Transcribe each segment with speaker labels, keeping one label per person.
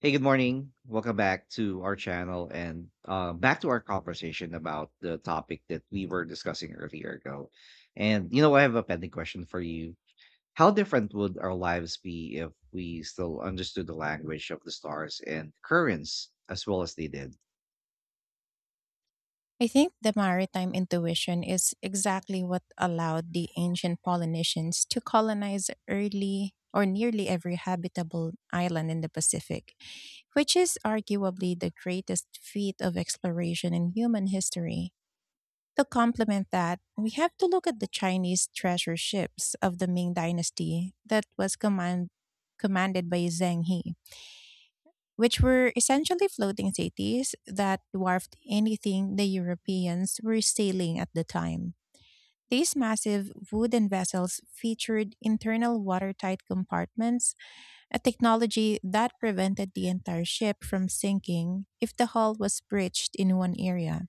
Speaker 1: Hey, good morning. Welcome back to our channel and back to our conversation about the topic that we were discussing earlier ago. And you know, I have a pending question for you. How different would our lives be if we still understood the language of the stars and currents as well as they did?
Speaker 2: I think the maritime intuition is exactly what allowed the ancient Polynesians to colonize early or nearly every habitable island in the Pacific, which is arguably the greatest feat of exploration in human history. To complement that, we have to look at the Chinese treasure ships of the Ming Dynasty that was commanded by Zheng He, which were essentially floating cities that dwarfed anything the Europeans were sailing at the time. These massive wooden vessels featured internal watertight compartments, a technology that prevented the entire ship from sinking if the hull was breached in one area.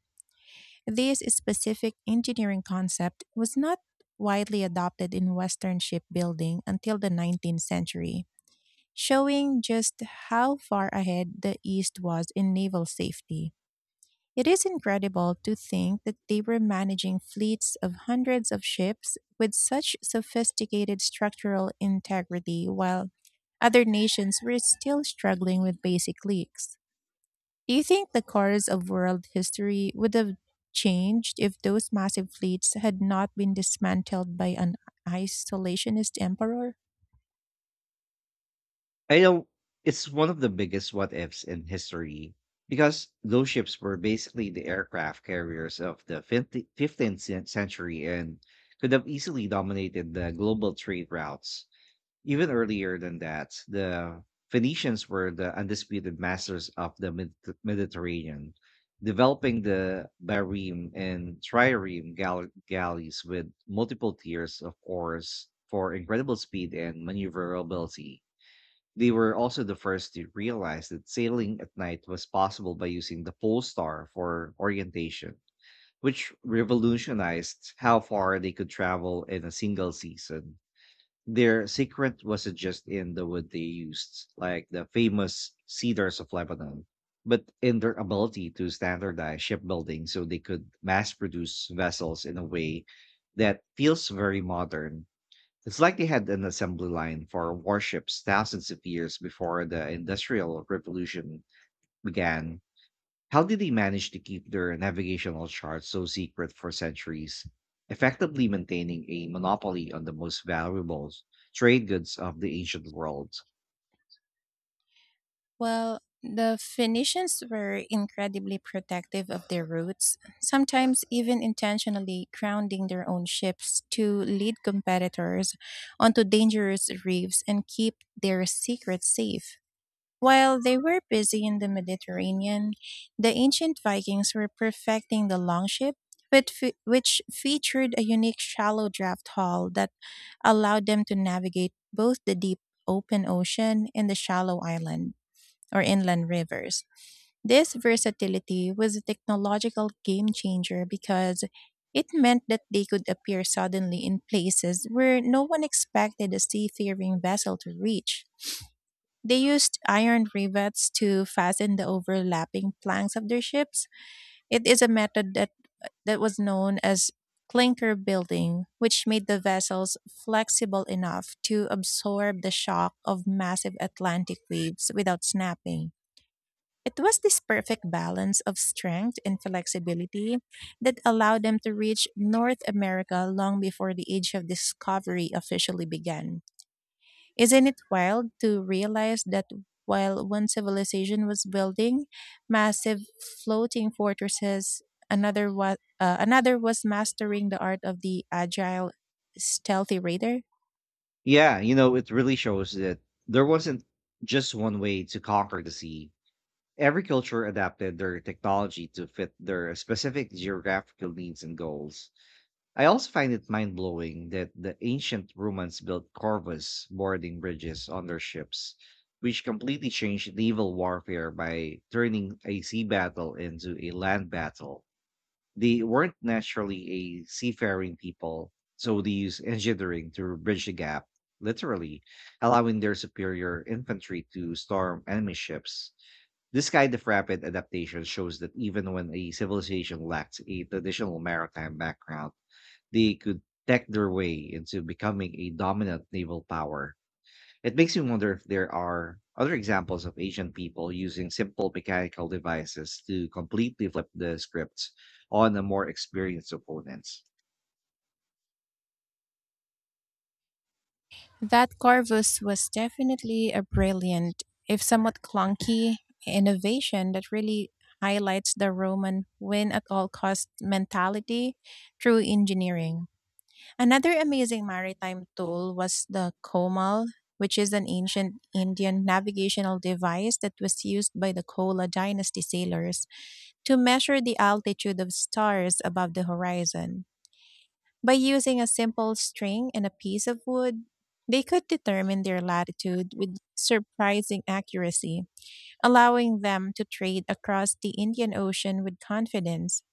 Speaker 2: This specific engineering concept was not widely adopted in Western shipbuilding until the 19th century, showing just how far ahead the East was in naval safety. It is incredible to think that they were managing fleets of hundreds of ships with such sophisticated structural integrity while other nations were still struggling with basic leaks. Do you think the course of world history would have changed if those massive fleets had not been dismantled by an isolationist emperor?
Speaker 1: I know it's one of the biggest what ifs in history because those ships were basically the aircraft carriers of the 50 15th century and could have easily dominated the global trade routes. Even earlier than that, the Phoenicians were the undisputed masters of the Mediterranean, developing the Barim and Trireme galleys with multiple tiers of oars for incredible speed and maneuverability. They were also the first to realize that sailing at night was possible by using the pole star for orientation, which revolutionized how far they could travel in a single season. Their secret wasn't just in the wood they used, like the famous cedars of Lebanon, but in their ability to standardize shipbuilding so they could mass produce vessels in a way that feels very modern. It's like they had an assembly line for warships thousands of years before the Industrial Revolution began. How did they manage to keep their navigational charts so secret for centuries, effectively maintaining a monopoly on the most valuable trade goods of the ancient world?
Speaker 2: Well, the Phoenicians were incredibly protective of their roots, sometimes even intentionally grounding their own ships to lead competitors onto dangerous reefs and keep their secrets safe. While they were busy in the Mediterranean, the ancient Vikings were perfecting the longship, which featured a unique shallow draft hull that allowed them to navigate both the deep open ocean and the shallow island or inland rivers. This versatility was a technological game changer because it meant that they could appear suddenly in places where no one expected a seafaring vessel to reach. They used iron rivets to fasten the overlapping planks of their ships. It is a method that was known as clinker building, which made the vessels flexible enough to absorb the shock of massive Atlantic waves without snapping. It was this perfect balance of strength and flexibility that allowed them to reach North America long before the age of discovery officially began. Isn't it wild to realize that while one civilization was building massive floating fortresses, another was mastering the art of the agile, stealthy raider?
Speaker 1: Yeah, you know, it really shows that there wasn't just one way to conquer the sea. Every culture adapted their technology to fit their specific geographical needs and goals. I also find it mind blowing that the ancient Romans built corvus boarding bridges on their ships, which completely changed naval warfare by turning a sea battle into a land battle. They weren't naturally a seafaring people, so they used engineering to bridge the gap, literally, allowing their superior infantry to storm enemy ships. This kind of rapid adaptation shows that even when a civilization lacks a traditional maritime background, they could tech their way into becoming a dominant naval power. It makes me wonder if there are other examples of Asian people using simple mechanical devices to completely flip the script on a more experienced opponents.
Speaker 2: That Corvus was definitely a brilliant, if somewhat clunky, innovation that really highlights the Roman win at all cost mentality through engineering. Another amazing maritime tool was the Komal, which is an ancient Indian navigational device that was used by the Kola dynasty sailors to measure the altitude of stars above the horizon. By using a simple string and a piece of wood, they could determine their latitude with surprising accuracy, allowing them to trade across the Indian Ocean with confidence.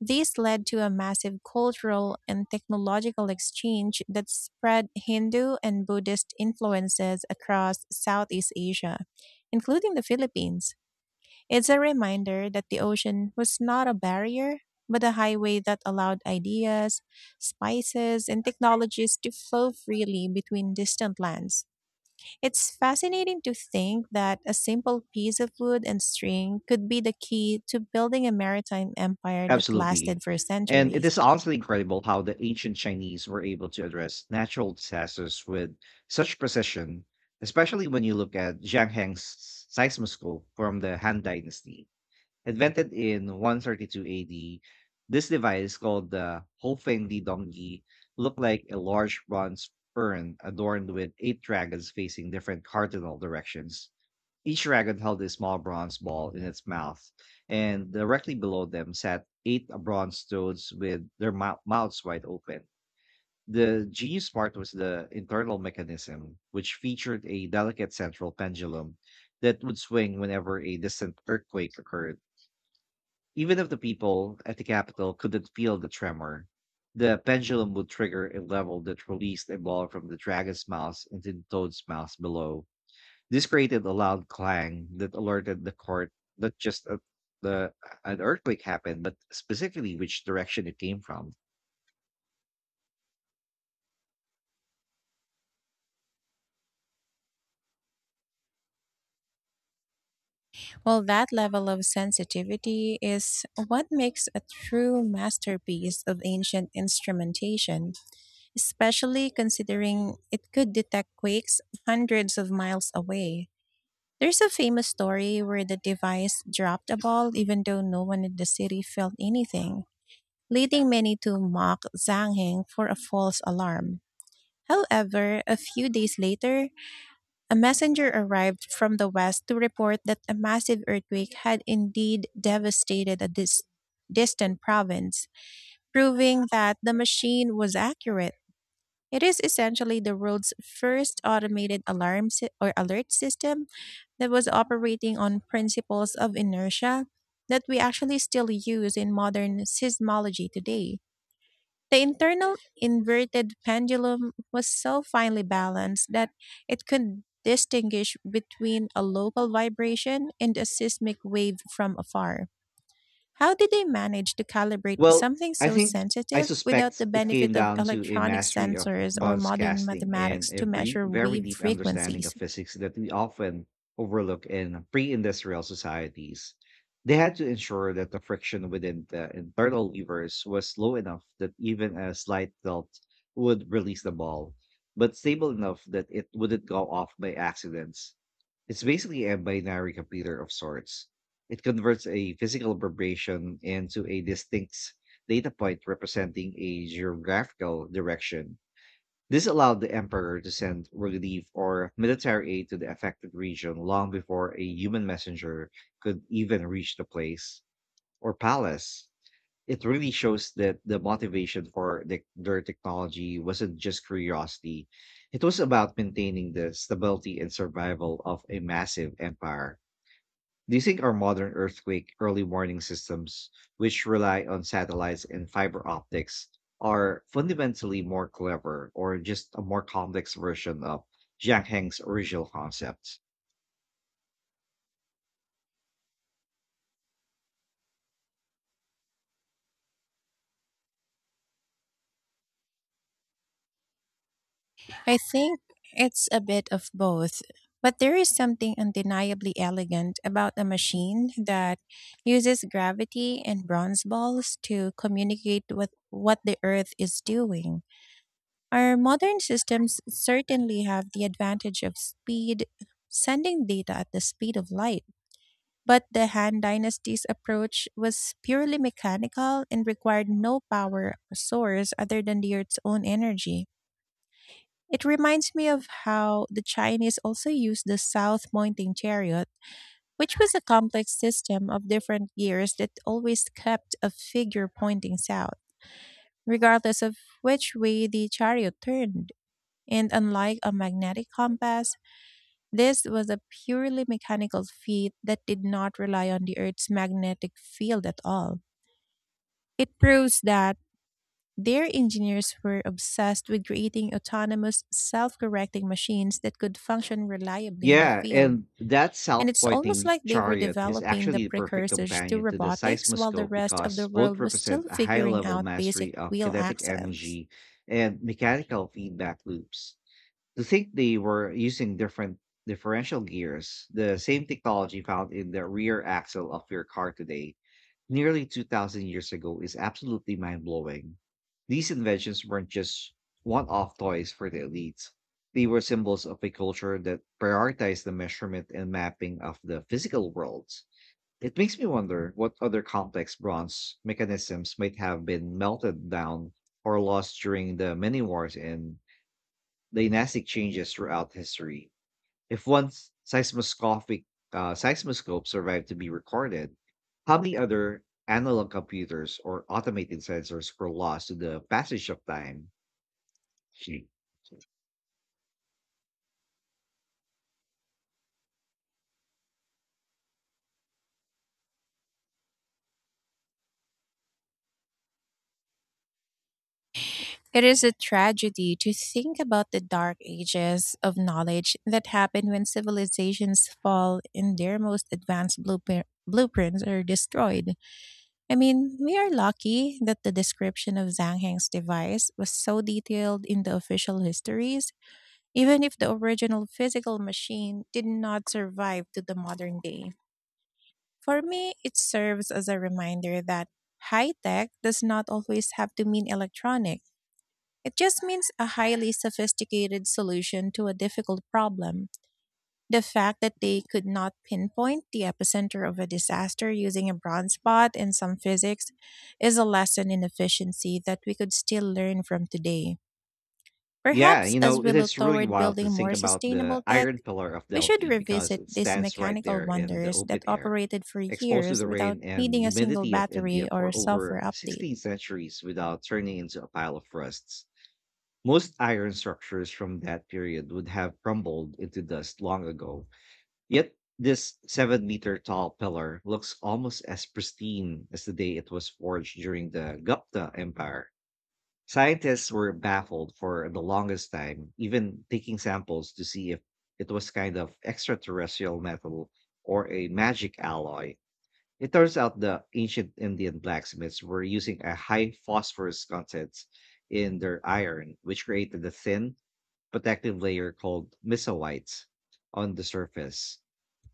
Speaker 2: This led to a massive cultural and technological exchange that spread Hindu and Buddhist influences across Southeast Asia, including the Philippines. It's a reminder that the ocean was not a barrier, but a highway that allowed ideas, spices, and technologies to flow freely between distant lands. It's fascinating to think that a simple piece of wood and string could be the key to building a maritime empire that
Speaker 1: Absolutely.
Speaker 2: lasted for
Speaker 1: And it
Speaker 2: centuries.
Speaker 1: is honestly incredible how the ancient Chinese were able to address natural disasters with such precision, especially when you look at Zhang Heng's seismoscope from the Han Dynasty. Invented in 132 AD, this device called the Hofeng Donggi looked like a large bronze urn adorned with eight dragons facing different cardinal directions. Each dragon held a small bronze ball in its mouth, and directly below them sat eight bronze toads with their mouths wide open. The genius part was the internal mechanism, which featured a delicate central pendulum that would swing whenever a distant earthquake occurred. Even if the people at the Capitol couldn't feel the tremor, the pendulum would trigger a level that released a ball from the dragon's mouth into the toad's mouth below. This created a loud clang that alerted the court not just that the an earthquake happened, but specifically which direction it came from.
Speaker 2: Well, that level of sensitivity is what makes a true masterpiece of ancient instrumentation, especially considering it could detect quakes hundreds of miles away. There's a famous story where the device dropped a ball even though no one in the city felt anything, leading many to mock Zangheng for a false alarm. However, a few days later, a messenger arrived from the west to report that a massive earthquake had indeed devastated a distant province, proving that the machine was accurate. It is essentially the world's first automated alarm sy- or alert system that was operating on principles of inertia that we actually still use in modern seismology today. The internal inverted pendulum was so finely balanced that it could distinguish between a local vibration and a seismic wave from afar. How did they manage to calibrate
Speaker 1: Well,
Speaker 2: something
Speaker 1: I
Speaker 2: so
Speaker 1: think I
Speaker 2: sensitive without
Speaker 1: suspect
Speaker 2: the
Speaker 1: it
Speaker 2: benefit
Speaker 1: came
Speaker 2: of
Speaker 1: down to a
Speaker 2: electronic
Speaker 1: mastery of
Speaker 2: sensors or
Speaker 1: bonds
Speaker 2: modern
Speaker 1: casting and
Speaker 2: mathematics
Speaker 1: a
Speaker 2: to
Speaker 1: very,
Speaker 2: measure
Speaker 1: very
Speaker 2: wave
Speaker 1: deep understanding of
Speaker 2: frequencies?
Speaker 1: physics that we often overlook in pre-industrial societies. They had to ensure that the friction within the internal levers was low enough that even a slight tilt would release the ball, but stable enough that it wouldn't go off by accidents. It's basically a binary computer of sorts. It converts a physical vibration into a distinct data point representing a geographical direction. This allowed the emperor to send relief or military aid to the affected region long before a human messenger could even reach the place or palace. It really shows that the motivation for their technology wasn't just curiosity, it was about maintaining the stability and survival of a massive empire. Do you think our modern earthquake early warning systems, which rely on satellites and fiber optics, are fundamentally more clever or just a more complex version of Zhang Heng's original concept?
Speaker 2: I think it's a bit of both, but there is something undeniably elegant about a machine that uses gravity and bronze balls to communicate with what the earth is doing. Our modern systems certainly have the advantage of speed, sending data at the speed of light. But the Han Dynasty's approach was purely mechanical and required no power source other than the earth's own energy. It reminds me of how the Chinese also used the south pointing chariot, which was a complex system of different gears that always kept a figure pointing south, regardless of which way the chariot turned. And unlike a magnetic compass, this was a purely mechanical feat that did not rely on the Earth's magnetic field at all. It proves that their engineers were obsessed with creating autonomous, self correcting machines that could function reliably in the
Speaker 1: Yeah,
Speaker 2: field.
Speaker 1: and that
Speaker 2: And
Speaker 1: south
Speaker 2: it's almost
Speaker 1: pointing
Speaker 2: like they were
Speaker 1: chariot is
Speaker 2: developing the
Speaker 1: actually the perfect
Speaker 2: precursors to
Speaker 1: companion to the
Speaker 2: robotics while the
Speaker 1: seismoscope
Speaker 2: rest of the
Speaker 1: because both
Speaker 2: world was
Speaker 1: represent
Speaker 2: still
Speaker 1: a high
Speaker 2: figuring
Speaker 1: level
Speaker 2: out basic
Speaker 1: mastery of
Speaker 2: wheel
Speaker 1: kinetic
Speaker 2: axles.
Speaker 1: energy and mechanical feedback loops. To think they were using differential gears, the same technology found in the rear axle of your car today, nearly 2,000 years ago, is absolutely mind blowing. These inventions weren't just one off toys for the elites, they were symbols of a culture that prioritized the measurement and mapping of the physical worlds. It makes me wonder what other complex bronze mechanisms might have been melted down or lost during the many wars and dynastic changes throughout history. If one s- seismoscopic seismoscope survived to be recorded, how many other analog computers or automated sensors were lost to the passage of time? Gee.
Speaker 2: It is a tragedy to think about the dark ages of knowledge that happen when civilizations fall and their most advanced blueprints are destroyed. I mean, we are lucky that the description of Zhang Heng's device was so detailed in the official histories, even if the original physical machine did not survive to the modern day. For me, it serves as a reminder that high tech does not always have to mean electronic. It just means a highly sophisticated solution to a difficult problem. The fact that they could not pinpoint the epicenter of a disaster using a broad spot and some physics is a lesson in efficiency that we could still learn from today.
Speaker 1: Yeah,
Speaker 2: Perhaps
Speaker 1: you
Speaker 2: as
Speaker 1: know,
Speaker 2: we
Speaker 1: it
Speaker 2: look
Speaker 1: is really
Speaker 2: toward
Speaker 1: wild to
Speaker 2: building more
Speaker 1: think about
Speaker 2: sustainable
Speaker 1: the
Speaker 2: tech,
Speaker 1: iron pillar of
Speaker 2: we should
Speaker 1: Delhi because
Speaker 2: revisit
Speaker 1: it
Speaker 2: these
Speaker 1: stands right
Speaker 2: mechanical
Speaker 1: there in the
Speaker 2: wonders that
Speaker 1: open air,
Speaker 2: operated for
Speaker 1: exposed to
Speaker 2: years
Speaker 1: the
Speaker 2: without
Speaker 1: rain and
Speaker 2: needing a single
Speaker 1: humidity of India
Speaker 2: battery or a
Speaker 1: for
Speaker 2: software
Speaker 1: over
Speaker 2: update.
Speaker 1: 16 centuries without turning into a pile of rusts. Most iron structures from that period would have crumbled into dust long ago. Yet, this 7 meter tall pillar looks almost as pristine as the day it was forged during the Gupta Empire. Scientists were baffled for the longest time, even taking samples to see if it was kind of extraterrestrial metal or a magic alloy. It turns out the ancient Indian blacksmiths were using a high phosphorus content in their iron, which created a thin, protective layer called mesoites on the surface.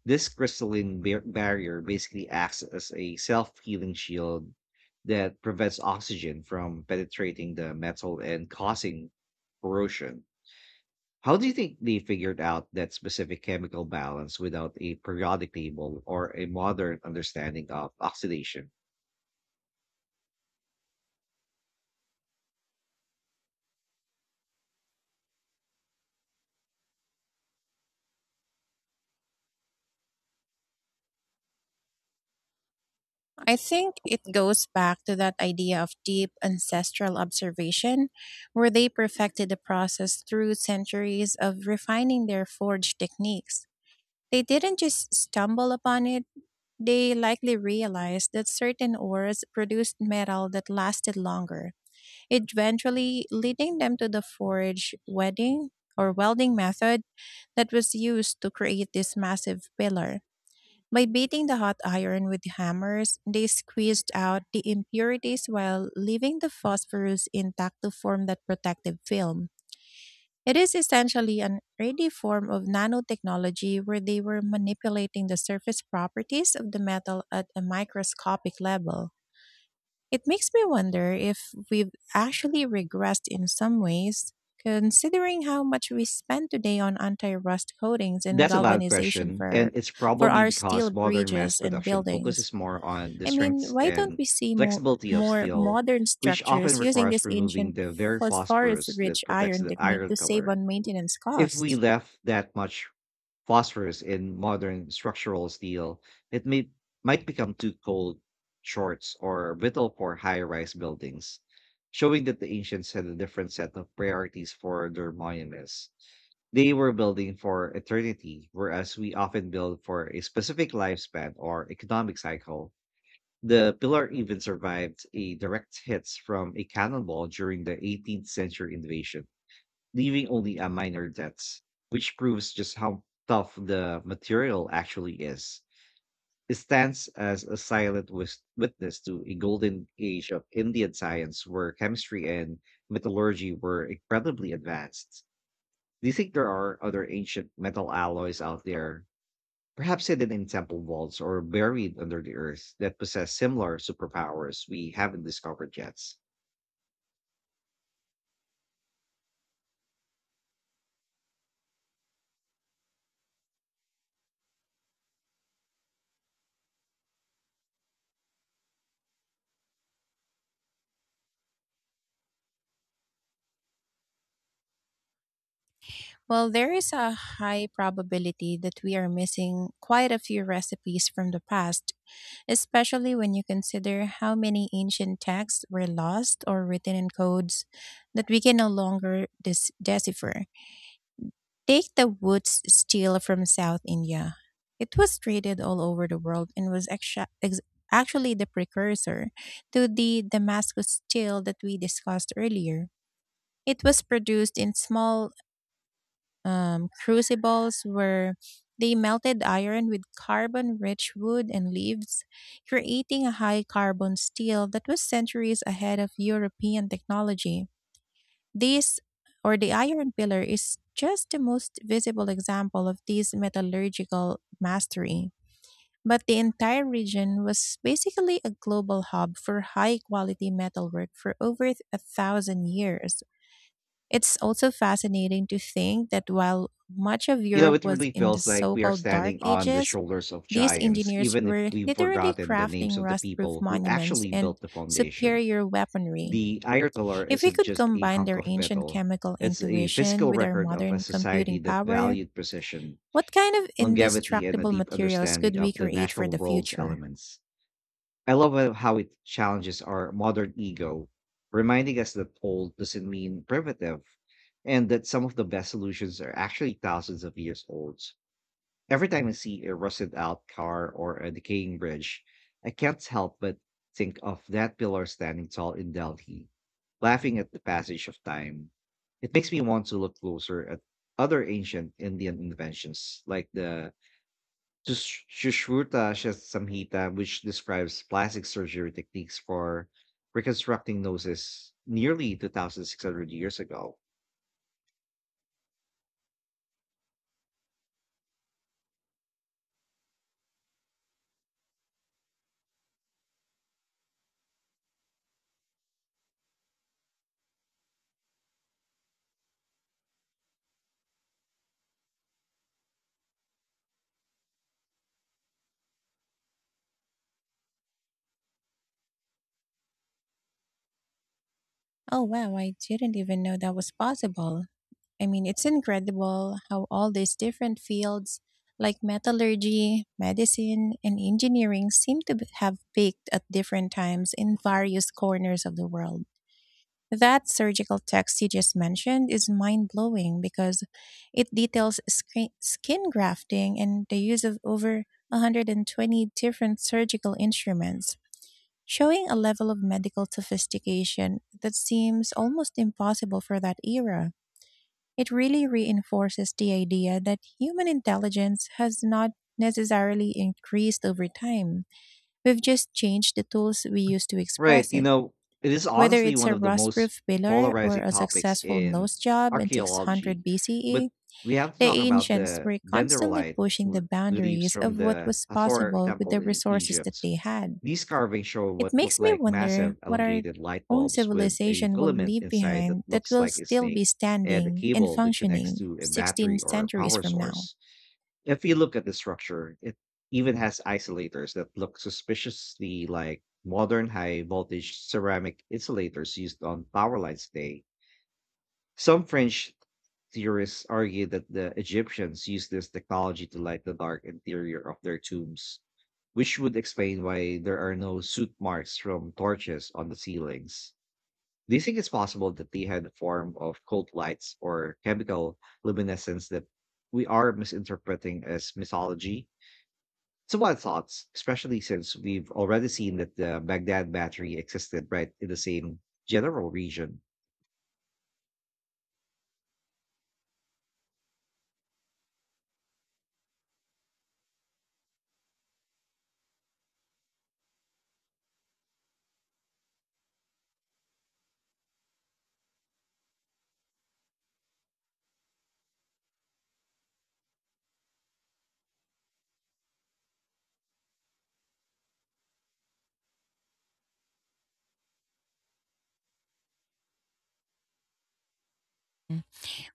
Speaker 1: This crystalline barrier basically acts as a self healing shield that prevents oxygen from penetrating the metal and causing corrosion. How do you think they figured out that specific chemical balance without a periodic table or a modern understanding of oxidation?
Speaker 2: I think it goes back to that idea of deep ancestral observation, where they perfected the process through centuries of refining their forge techniques. They didn't just stumble upon it, they likely realized that certain ores produced metal that lasted longer, eventually leading them to the forge wedding or welding method that was used to create this massive pillar. By beating the hot iron with hammers, they squeezed out the impurities while leaving the phosphorus intact to form that protective film. It is essentially an early form of nanotechnology where they were manipulating the surface properties of the metal at a microscopic level. It makes me wonder if we've actually regressed in some ways, considering how much we spend today on anti-rust coatings and
Speaker 1: That's a valid
Speaker 2: galvanization
Speaker 1: question, and
Speaker 2: for
Speaker 1: it's probably
Speaker 2: our steel
Speaker 1: because modern mass
Speaker 2: bridges and
Speaker 1: production
Speaker 2: buildings.
Speaker 1: focuses more on the
Speaker 2: I mean,
Speaker 1: strengths
Speaker 2: why don't
Speaker 1: and
Speaker 2: we see more
Speaker 1: flexibility of steel,
Speaker 2: modern
Speaker 1: which often
Speaker 2: structures using
Speaker 1: requires
Speaker 2: this
Speaker 1: removing
Speaker 2: ancient
Speaker 1: the very phosphorus
Speaker 2: phosphorus-rich
Speaker 1: that protects
Speaker 2: iron
Speaker 1: the
Speaker 2: technique
Speaker 1: iron
Speaker 2: to save
Speaker 1: color.
Speaker 2: on maintenance
Speaker 1: If we
Speaker 2: costs?
Speaker 1: left that much phosphorus in modern structural steel, it may might become too cold, shorts, or brittle for high-rise buildings, showing that the ancients had a different set of priorities for their monuments. They were building for eternity, whereas we often build for a specific lifespan or economic cycle. The pillar even survived a direct hits from a cannonball during the 18th century invasion, leaving only a minor dents, which proves just how tough the material actually is. It stands as a silent witness to a golden age of Indian science where chemistry and metallurgy were incredibly advanced. Do you think there are other ancient metal alloys out there, perhaps hidden in temple vaults or buried under the earth, that possess similar superpowers we haven't discovered yet?
Speaker 2: Well, there is a high probability that we are missing quite a few recipes from the past, especially when you consider how many ancient texts were lost or written in codes that we can no longer decipher. Take the Woods stele from South India. It was traded all over the world and was actually the precursor to the Damascus stele that we discussed earlier. It was produced in small crucibles where they melted iron with carbon rich wood and leaves, creating a high carbon steel that was centuries ahead of European technology. This, or the iron pillar, is just the most visible example of this metallurgical mastery. But the entire region was basically a global hub for high quality metalwork for over a thousand years. It's also fascinating to think that while much of
Speaker 1: You know,
Speaker 2: Europe
Speaker 1: it
Speaker 2: was
Speaker 1: really
Speaker 2: in the
Speaker 1: feels like
Speaker 2: so
Speaker 1: we are
Speaker 2: called Dark
Speaker 1: standing on the
Speaker 2: Ages,
Speaker 1: shoulders of
Speaker 2: these
Speaker 1: giants,
Speaker 2: engineers
Speaker 1: even if
Speaker 2: were
Speaker 1: we've
Speaker 2: literally
Speaker 1: forgotten the
Speaker 2: crafting
Speaker 1: names of the
Speaker 2: rust proof
Speaker 1: people who
Speaker 2: monuments
Speaker 1: actually
Speaker 2: and
Speaker 1: built the foundation.
Speaker 2: superior weaponry.
Speaker 1: The iron pillar
Speaker 2: If we
Speaker 1: isn't
Speaker 2: could
Speaker 1: just a
Speaker 2: combine
Speaker 1: hunk
Speaker 2: their
Speaker 1: of
Speaker 2: ancient
Speaker 1: metal,
Speaker 2: chemical
Speaker 1: it's a
Speaker 2: intuition
Speaker 1: physical
Speaker 2: with our
Speaker 1: record of a
Speaker 2: modern computing
Speaker 1: society that
Speaker 2: power,
Speaker 1: valued precision,
Speaker 2: what kind of
Speaker 1: longevity, and a
Speaker 2: indestructible
Speaker 1: deep
Speaker 2: materials
Speaker 1: understanding
Speaker 2: could we
Speaker 1: of the
Speaker 2: create for
Speaker 1: natural
Speaker 2: the
Speaker 1: world's
Speaker 2: future?
Speaker 1: elements. I love how it challenges our modern ego, reminding us that old doesn't mean primitive, and that some of the best solutions are actually thousands of years old. Every time I see a rusted out car or a decaying bridge, I can't help but think of that pillar standing tall in Delhi, laughing at the passage of time. It makes me want to look closer at other ancient Indian inventions like the Sushruta Samhita, which describes plastic surgery techniques for reconstructing noses nearly 2,600 years ago.
Speaker 2: Oh, wow, I didn't even know that was possible. I mean, it's incredible how all these different fields like metallurgy, medicine, and engineering seem to have peaked at different times in various corners of the world. That surgical text you just mentioned is mind blowing because it details skin grafting and the use of over 120 different surgical instruments, showing a level of medical sophistication that seems almost impossible for that era. It really reinforces the idea that human intelligence has not necessarily increased over time. We've just changed the tools we use to
Speaker 1: Right.
Speaker 2: express
Speaker 1: You
Speaker 2: it.
Speaker 1: know, it is
Speaker 2: Whether
Speaker 1: honestly
Speaker 2: it's
Speaker 1: one
Speaker 2: a
Speaker 1: of the
Speaker 2: rust
Speaker 1: most
Speaker 2: proof pillar or
Speaker 1: polarizing
Speaker 2: a
Speaker 1: topics
Speaker 2: successful
Speaker 1: in
Speaker 2: nose job in 600
Speaker 1: archaeology,
Speaker 2: BCE,
Speaker 1: but we have to
Speaker 2: the
Speaker 1: talk about
Speaker 2: ancients
Speaker 1: the
Speaker 2: were constantly
Speaker 1: dendrolite
Speaker 2: pushing the
Speaker 1: reliefs
Speaker 2: boundaries
Speaker 1: from
Speaker 2: of what
Speaker 1: the
Speaker 2: was
Speaker 1: Hathor
Speaker 2: possible with
Speaker 1: temple
Speaker 2: the
Speaker 1: in
Speaker 2: resources that
Speaker 1: Egypt.
Speaker 2: they had.
Speaker 1: These carvings show
Speaker 2: It
Speaker 1: what look
Speaker 2: makes me
Speaker 1: like
Speaker 2: wonder
Speaker 1: massive
Speaker 2: what our
Speaker 1: elongated light
Speaker 2: own
Speaker 1: bulbs with a
Speaker 2: civilization will
Speaker 1: filament
Speaker 2: leave
Speaker 1: inside that
Speaker 2: behind that
Speaker 1: looks
Speaker 2: will
Speaker 1: like a
Speaker 2: still
Speaker 1: snake
Speaker 2: be
Speaker 1: and a
Speaker 2: standing and
Speaker 1: cable that connects
Speaker 2: functioning
Speaker 1: to a battery
Speaker 2: 16
Speaker 1: or
Speaker 2: centuries
Speaker 1: power
Speaker 2: from now.
Speaker 1: source. If you look at the structure, it even has isolators that look suspiciously like modern high voltage ceramic insulators used on power lines today. Some French theorists argue that the Egyptians used this technology to light the dark interior of their tombs, which would explain why there are no soot marks from torches on the ceilings. Do you think it's possible that they had a form of cold lights or chemical luminescence that we are misinterpreting as mythology? So what thoughts, especially since we've already seen that the Baghdad battery existed right in the same general region.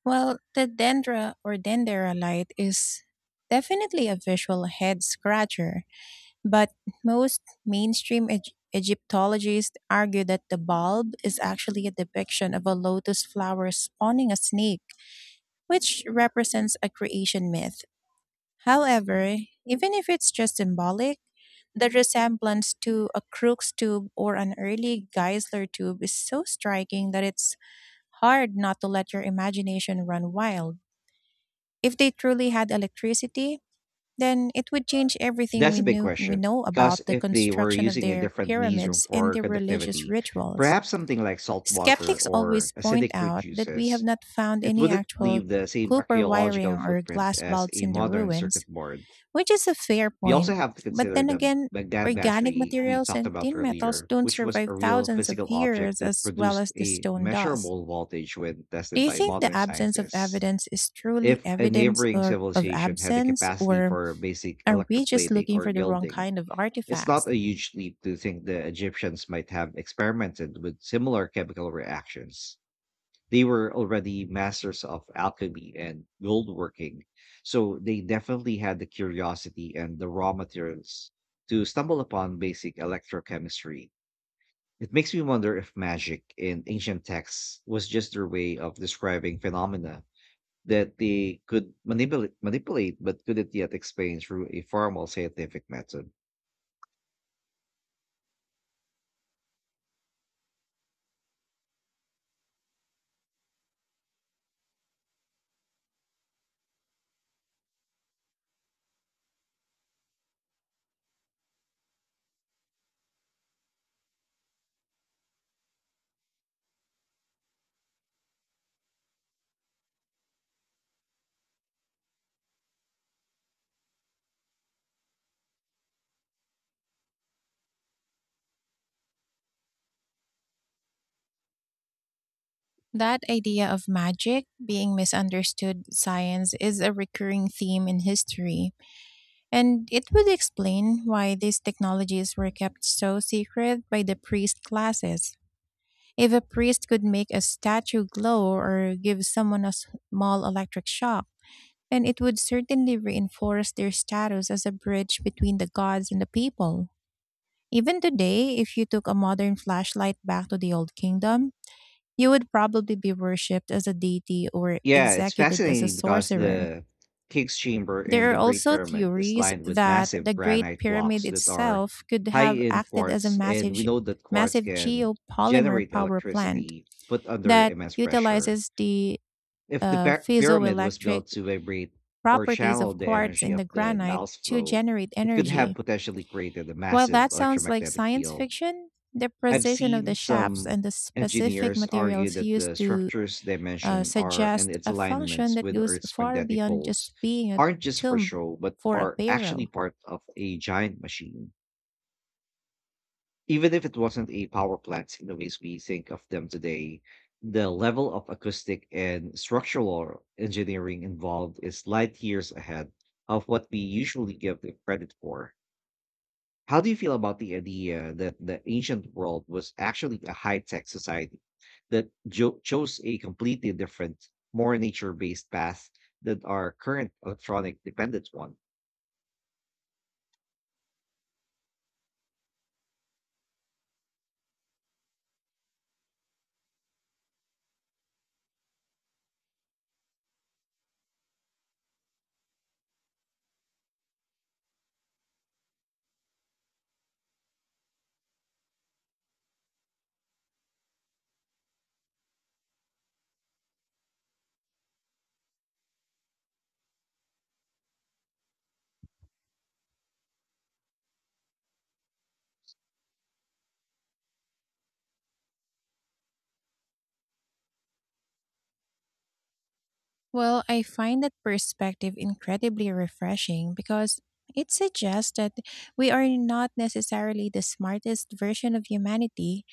Speaker 2: Well, the Dendra or Dendera light is definitely a visual head scratcher, but most mainstream Egyptologists argue that the bulb is actually a depiction of a lotus flower spawning a snake, which represents a creation myth. However, even if it's just symbolic, the resemblance to a Crookes tube or an early Geissler tube is so striking that it's hard not to let your imagination run wild. If they truly had electricity, then it would change everything
Speaker 1: That's
Speaker 2: we
Speaker 1: a big
Speaker 2: knew we
Speaker 1: question.
Speaker 2: know
Speaker 1: Because
Speaker 2: about the
Speaker 1: if they were
Speaker 2: construction of
Speaker 1: using a
Speaker 2: their
Speaker 1: different medium
Speaker 2: pyramids and
Speaker 1: for
Speaker 2: their religious
Speaker 1: conductivity,
Speaker 2: rituals.
Speaker 1: perhaps something like salt water
Speaker 2: Skeptics
Speaker 1: or
Speaker 2: always point
Speaker 1: acidic fruit
Speaker 2: out that we have
Speaker 1: juices,
Speaker 2: not found
Speaker 1: it
Speaker 2: any
Speaker 1: wouldn't
Speaker 2: actual
Speaker 1: leave the same
Speaker 2: copper wiring
Speaker 1: archaeological
Speaker 2: or
Speaker 1: footprint
Speaker 2: glass
Speaker 1: as
Speaker 2: bulbs
Speaker 1: a
Speaker 2: in the
Speaker 1: modern
Speaker 2: ruins,
Speaker 1: circuit board.
Speaker 2: which is a fair
Speaker 1: We also
Speaker 2: point.
Speaker 1: have to
Speaker 2: But
Speaker 1: consider
Speaker 2: then
Speaker 1: the
Speaker 2: again,
Speaker 1: Baghdad
Speaker 2: organic
Speaker 1: battery we
Speaker 2: materials
Speaker 1: talked
Speaker 2: and
Speaker 1: about
Speaker 2: tin metals
Speaker 1: earlier,
Speaker 2: don't
Speaker 1: which was
Speaker 2: survive
Speaker 1: a real
Speaker 2: thousands of
Speaker 1: physical object
Speaker 2: years
Speaker 1: that
Speaker 2: as well as
Speaker 1: produced
Speaker 2: the
Speaker 1: a
Speaker 2: stone does.
Speaker 1: measurable voltage when
Speaker 2: Do
Speaker 1: tested
Speaker 2: you
Speaker 1: by
Speaker 2: think the
Speaker 1: modern
Speaker 2: absence of
Speaker 1: scientists.
Speaker 2: evidence is truly
Speaker 1: If a
Speaker 2: evidence
Speaker 1: neighboring
Speaker 2: or of
Speaker 1: civilization had the
Speaker 2: absence,
Speaker 1: capacity
Speaker 2: or
Speaker 1: for basic
Speaker 2: are we just
Speaker 1: electroplating
Speaker 2: looking
Speaker 1: or
Speaker 2: for the wrong
Speaker 1: gilding,
Speaker 2: kind of
Speaker 1: it's not
Speaker 2: artifacts?
Speaker 1: a huge leap to think the Egyptians might have experimented with similar chemical reactions. They were already masters of alchemy and goldworking, so they definitely had the curiosity and the raw materials to stumble upon basic electrochemistry. It makes me wonder if magic in ancient texts was just their way of describing phenomena that they could manipulate but couldn't yet explain through a formal scientific method.
Speaker 2: That idea of magic being misunderstood science is a recurring theme in history, and it would explain why these technologies were kept so secret by the priest classes. If a priest could make a statue glow or give someone a small electric shock, then it would certainly reinforce their status as a bridge between the gods and the people. Even today, if you took a modern flashlight back to the old kingdom, you would probably be worshipped as a deity or
Speaker 1: Yeah, it's
Speaker 2: executed as a
Speaker 1: fascinating because
Speaker 2: sorcerer.
Speaker 1: the King's Chamber in
Speaker 2: There are
Speaker 1: the Great
Speaker 2: also
Speaker 1: Pyramid is
Speaker 2: theories
Speaker 1: lined with
Speaker 2: that the
Speaker 1: massive
Speaker 2: Great
Speaker 1: granite
Speaker 2: Pyramid
Speaker 1: blocks that are
Speaker 2: itself could
Speaker 1: high
Speaker 2: have
Speaker 1: in
Speaker 2: acted as a
Speaker 1: quartz, and
Speaker 2: massive,
Speaker 1: we know that quartz
Speaker 2: massive
Speaker 1: can
Speaker 2: geopolymer
Speaker 1: generate
Speaker 2: power plant
Speaker 1: electricity put under
Speaker 2: that
Speaker 1: immense pressure.
Speaker 2: utilizes the
Speaker 1: If the pyramid was
Speaker 2: piezoelectric
Speaker 1: built to vibrate or
Speaker 2: properties
Speaker 1: channel
Speaker 2: of
Speaker 1: the
Speaker 2: quartz
Speaker 1: energy
Speaker 2: in
Speaker 1: of
Speaker 2: the
Speaker 1: the
Speaker 2: granite
Speaker 1: Nile's
Speaker 2: to
Speaker 1: flow,
Speaker 2: generate
Speaker 1: it could have
Speaker 2: energy.
Speaker 1: potentially created a
Speaker 2: While that
Speaker 1: massive
Speaker 2: sounds like
Speaker 1: electromagnetic
Speaker 2: science
Speaker 1: field.
Speaker 2: fiction, the
Speaker 1: I've
Speaker 2: precision of the
Speaker 1: seen
Speaker 2: shafts
Speaker 1: some
Speaker 2: and the specific
Speaker 1: engineers argue
Speaker 2: materials
Speaker 1: that
Speaker 2: used
Speaker 1: the
Speaker 2: to
Speaker 1: structure's dimension are and
Speaker 2: suggest
Speaker 1: its
Speaker 2: a function
Speaker 1: alignments
Speaker 2: that
Speaker 1: with
Speaker 2: goes
Speaker 1: Earth's
Speaker 2: far
Speaker 1: magnetic
Speaker 2: beyond
Speaker 1: poles
Speaker 2: just being a
Speaker 1: aren't just for
Speaker 2: tomb
Speaker 1: show, but
Speaker 2: for a
Speaker 1: are actually
Speaker 2: pharaoh.
Speaker 1: part of a giant machine. Even if it wasn't a power plant in the ways we think of them today, the level of acoustic and structural engineering involved is light years ahead of what we usually give it credit for. How do you feel about the idea that the ancient world was actually a high tech society that chose a completely different, more nature based path than our current electronic dependent one?
Speaker 2: Well, I find that perspective incredibly refreshing because it suggests that we are not necessarily the smartest version of humanity,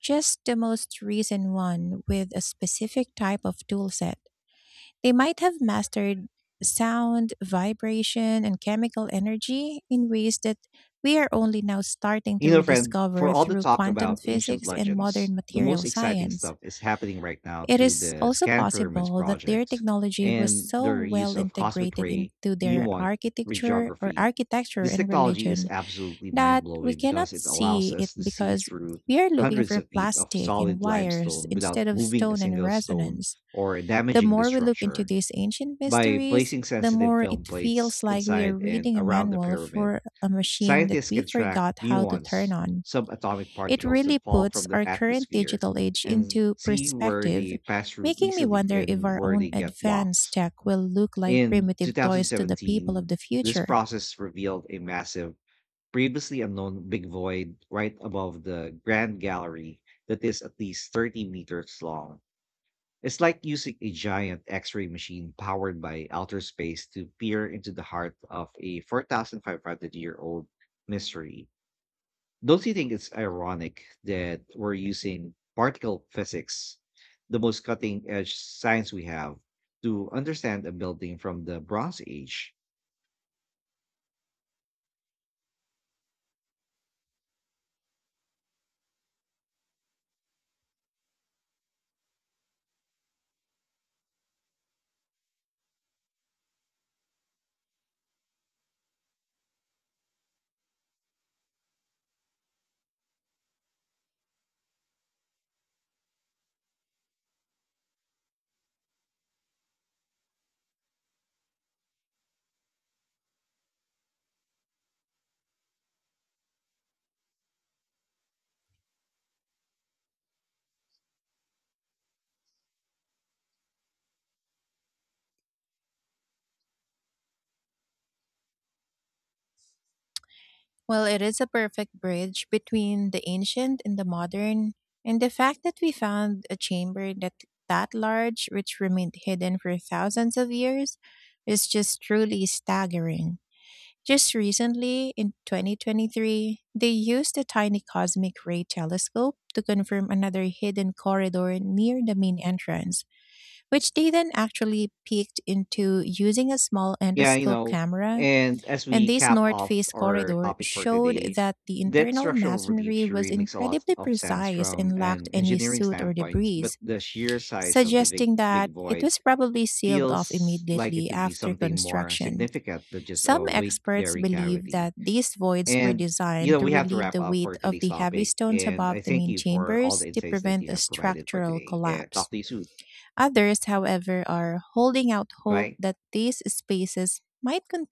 Speaker 2: just the most recent one with a specific type of toolset. They might have mastered sound, vibration, and chemical energy in ways that we are only now starting to
Speaker 1: You know, friend, for
Speaker 2: rediscover
Speaker 1: all the
Speaker 2: through
Speaker 1: talk
Speaker 2: quantum
Speaker 1: about ancient
Speaker 2: physics and
Speaker 1: legends,
Speaker 2: modern
Speaker 1: the most
Speaker 2: material
Speaker 1: exciting
Speaker 2: science.
Speaker 1: stuff is happening right now
Speaker 2: It
Speaker 1: through
Speaker 2: is
Speaker 1: the
Speaker 2: also
Speaker 1: Scan Pyramids
Speaker 2: possible that their
Speaker 1: project
Speaker 2: technology was
Speaker 1: and
Speaker 2: so
Speaker 1: their use
Speaker 2: well
Speaker 1: of cosmic
Speaker 2: integrated
Speaker 1: ray
Speaker 2: into their
Speaker 1: muon
Speaker 2: architecture or
Speaker 1: radiography.
Speaker 2: architecture
Speaker 1: This
Speaker 2: and
Speaker 1: technology is
Speaker 2: religion
Speaker 1: absolutely
Speaker 2: that
Speaker 1: mind
Speaker 2: we
Speaker 1: blowing because
Speaker 2: cannot
Speaker 1: it allows
Speaker 2: see it
Speaker 1: us to see
Speaker 2: because
Speaker 1: through
Speaker 2: we are looking
Speaker 1: hundreds
Speaker 2: for
Speaker 1: of feet of
Speaker 2: plastic and
Speaker 1: solid
Speaker 2: wires
Speaker 1: limestone without
Speaker 2: instead of
Speaker 1: moving a
Speaker 2: stone and
Speaker 1: single stone
Speaker 2: resonance.
Speaker 1: or
Speaker 2: The
Speaker 1: damaging the
Speaker 2: more we look into
Speaker 1: structure.
Speaker 2: these ancient
Speaker 1: By
Speaker 2: mysteries,
Speaker 1: placing
Speaker 2: the
Speaker 1: sensitive
Speaker 2: more it
Speaker 1: film
Speaker 2: feels
Speaker 1: plates
Speaker 2: like we are
Speaker 1: inside and
Speaker 2: reading a
Speaker 1: around the
Speaker 2: manual
Speaker 1: pyramid,
Speaker 2: for a machine that
Speaker 1: scientists
Speaker 2: we
Speaker 1: can track
Speaker 2: forgot how to turn
Speaker 1: muons,
Speaker 2: on.
Speaker 1: subatomic
Speaker 2: It
Speaker 1: particles that
Speaker 2: really
Speaker 1: fall
Speaker 2: puts
Speaker 1: from the
Speaker 2: our current
Speaker 1: atmosphere,
Speaker 2: digital age
Speaker 1: and
Speaker 2: into
Speaker 1: see where
Speaker 2: perspective,
Speaker 1: they pass through
Speaker 2: making me
Speaker 1: easily
Speaker 2: wonder if
Speaker 1: and
Speaker 2: our
Speaker 1: where
Speaker 2: own
Speaker 1: they get
Speaker 2: advanced
Speaker 1: blocked.
Speaker 2: tech will look like
Speaker 1: In
Speaker 2: primitive toys to the people of
Speaker 1: 2017,
Speaker 2: the
Speaker 1: this
Speaker 2: future.
Speaker 1: process revealed a massive, previously unknown big void right above the Grand Gallery that is at least 30 meters long. It's like using a giant X ray machine powered by outer space to peer into the heart of a 4,500 year old mystery. Don't you think it's ironic that we're using particle physics, the most cutting edge science we have, to understand a building from the Bronze Age?
Speaker 2: Well, it is a perfect bridge between the ancient and the modern, and the fact that we found a chamber that large, which remained hidden for thousands of years, is just truly staggering. Just recently, in 2023, they used a tiny cosmic ray telescope to confirm another hidden corridor near the main entrance, which they then actually peeked into using a small
Speaker 1: Yeah, you
Speaker 2: endoscope
Speaker 1: know.
Speaker 2: camera.
Speaker 1: And as
Speaker 2: And
Speaker 1: we
Speaker 2: this
Speaker 1: cap
Speaker 2: north
Speaker 1: off
Speaker 2: face
Speaker 1: our
Speaker 2: corridor
Speaker 1: topic for
Speaker 2: showed
Speaker 1: today,
Speaker 2: that the
Speaker 1: that
Speaker 2: internal
Speaker 1: structural relief
Speaker 2: masonry was
Speaker 1: theory makes a lot
Speaker 2: incredibly
Speaker 1: of sense
Speaker 2: precise
Speaker 1: from
Speaker 2: and lacked
Speaker 1: an
Speaker 2: any
Speaker 1: engineering
Speaker 2: soot or
Speaker 1: standpoint,
Speaker 2: debris,
Speaker 1: but the sheer size of the big
Speaker 2: suggesting that
Speaker 1: big
Speaker 2: it
Speaker 1: void
Speaker 2: was probably sealed off
Speaker 1: feels like it
Speaker 2: immediately
Speaker 1: could be
Speaker 2: after
Speaker 1: something more
Speaker 2: construction.
Speaker 1: significant than just
Speaker 2: Some
Speaker 1: a weight
Speaker 2: experts
Speaker 1: bearing
Speaker 2: believe
Speaker 1: cavity.
Speaker 2: that these voids were
Speaker 1: And, you
Speaker 2: designed
Speaker 1: know,
Speaker 2: to
Speaker 1: we have to
Speaker 2: relieve
Speaker 1: wrap
Speaker 2: the
Speaker 1: up for
Speaker 2: weight of
Speaker 1: today's
Speaker 2: the heavy
Speaker 1: topic.
Speaker 2: stones
Speaker 1: And
Speaker 2: above
Speaker 1: I
Speaker 2: the
Speaker 1: thank
Speaker 2: main
Speaker 1: you for all
Speaker 2: chambers
Speaker 1: the
Speaker 2: to
Speaker 1: insights that
Speaker 2: prevent
Speaker 1: you
Speaker 2: a
Speaker 1: have provided for
Speaker 2: structural
Speaker 1: today. And
Speaker 2: collapse.
Speaker 1: talk to you soon.
Speaker 2: Others, however, are holding out hope
Speaker 1: Bye.
Speaker 2: that these spaces might contain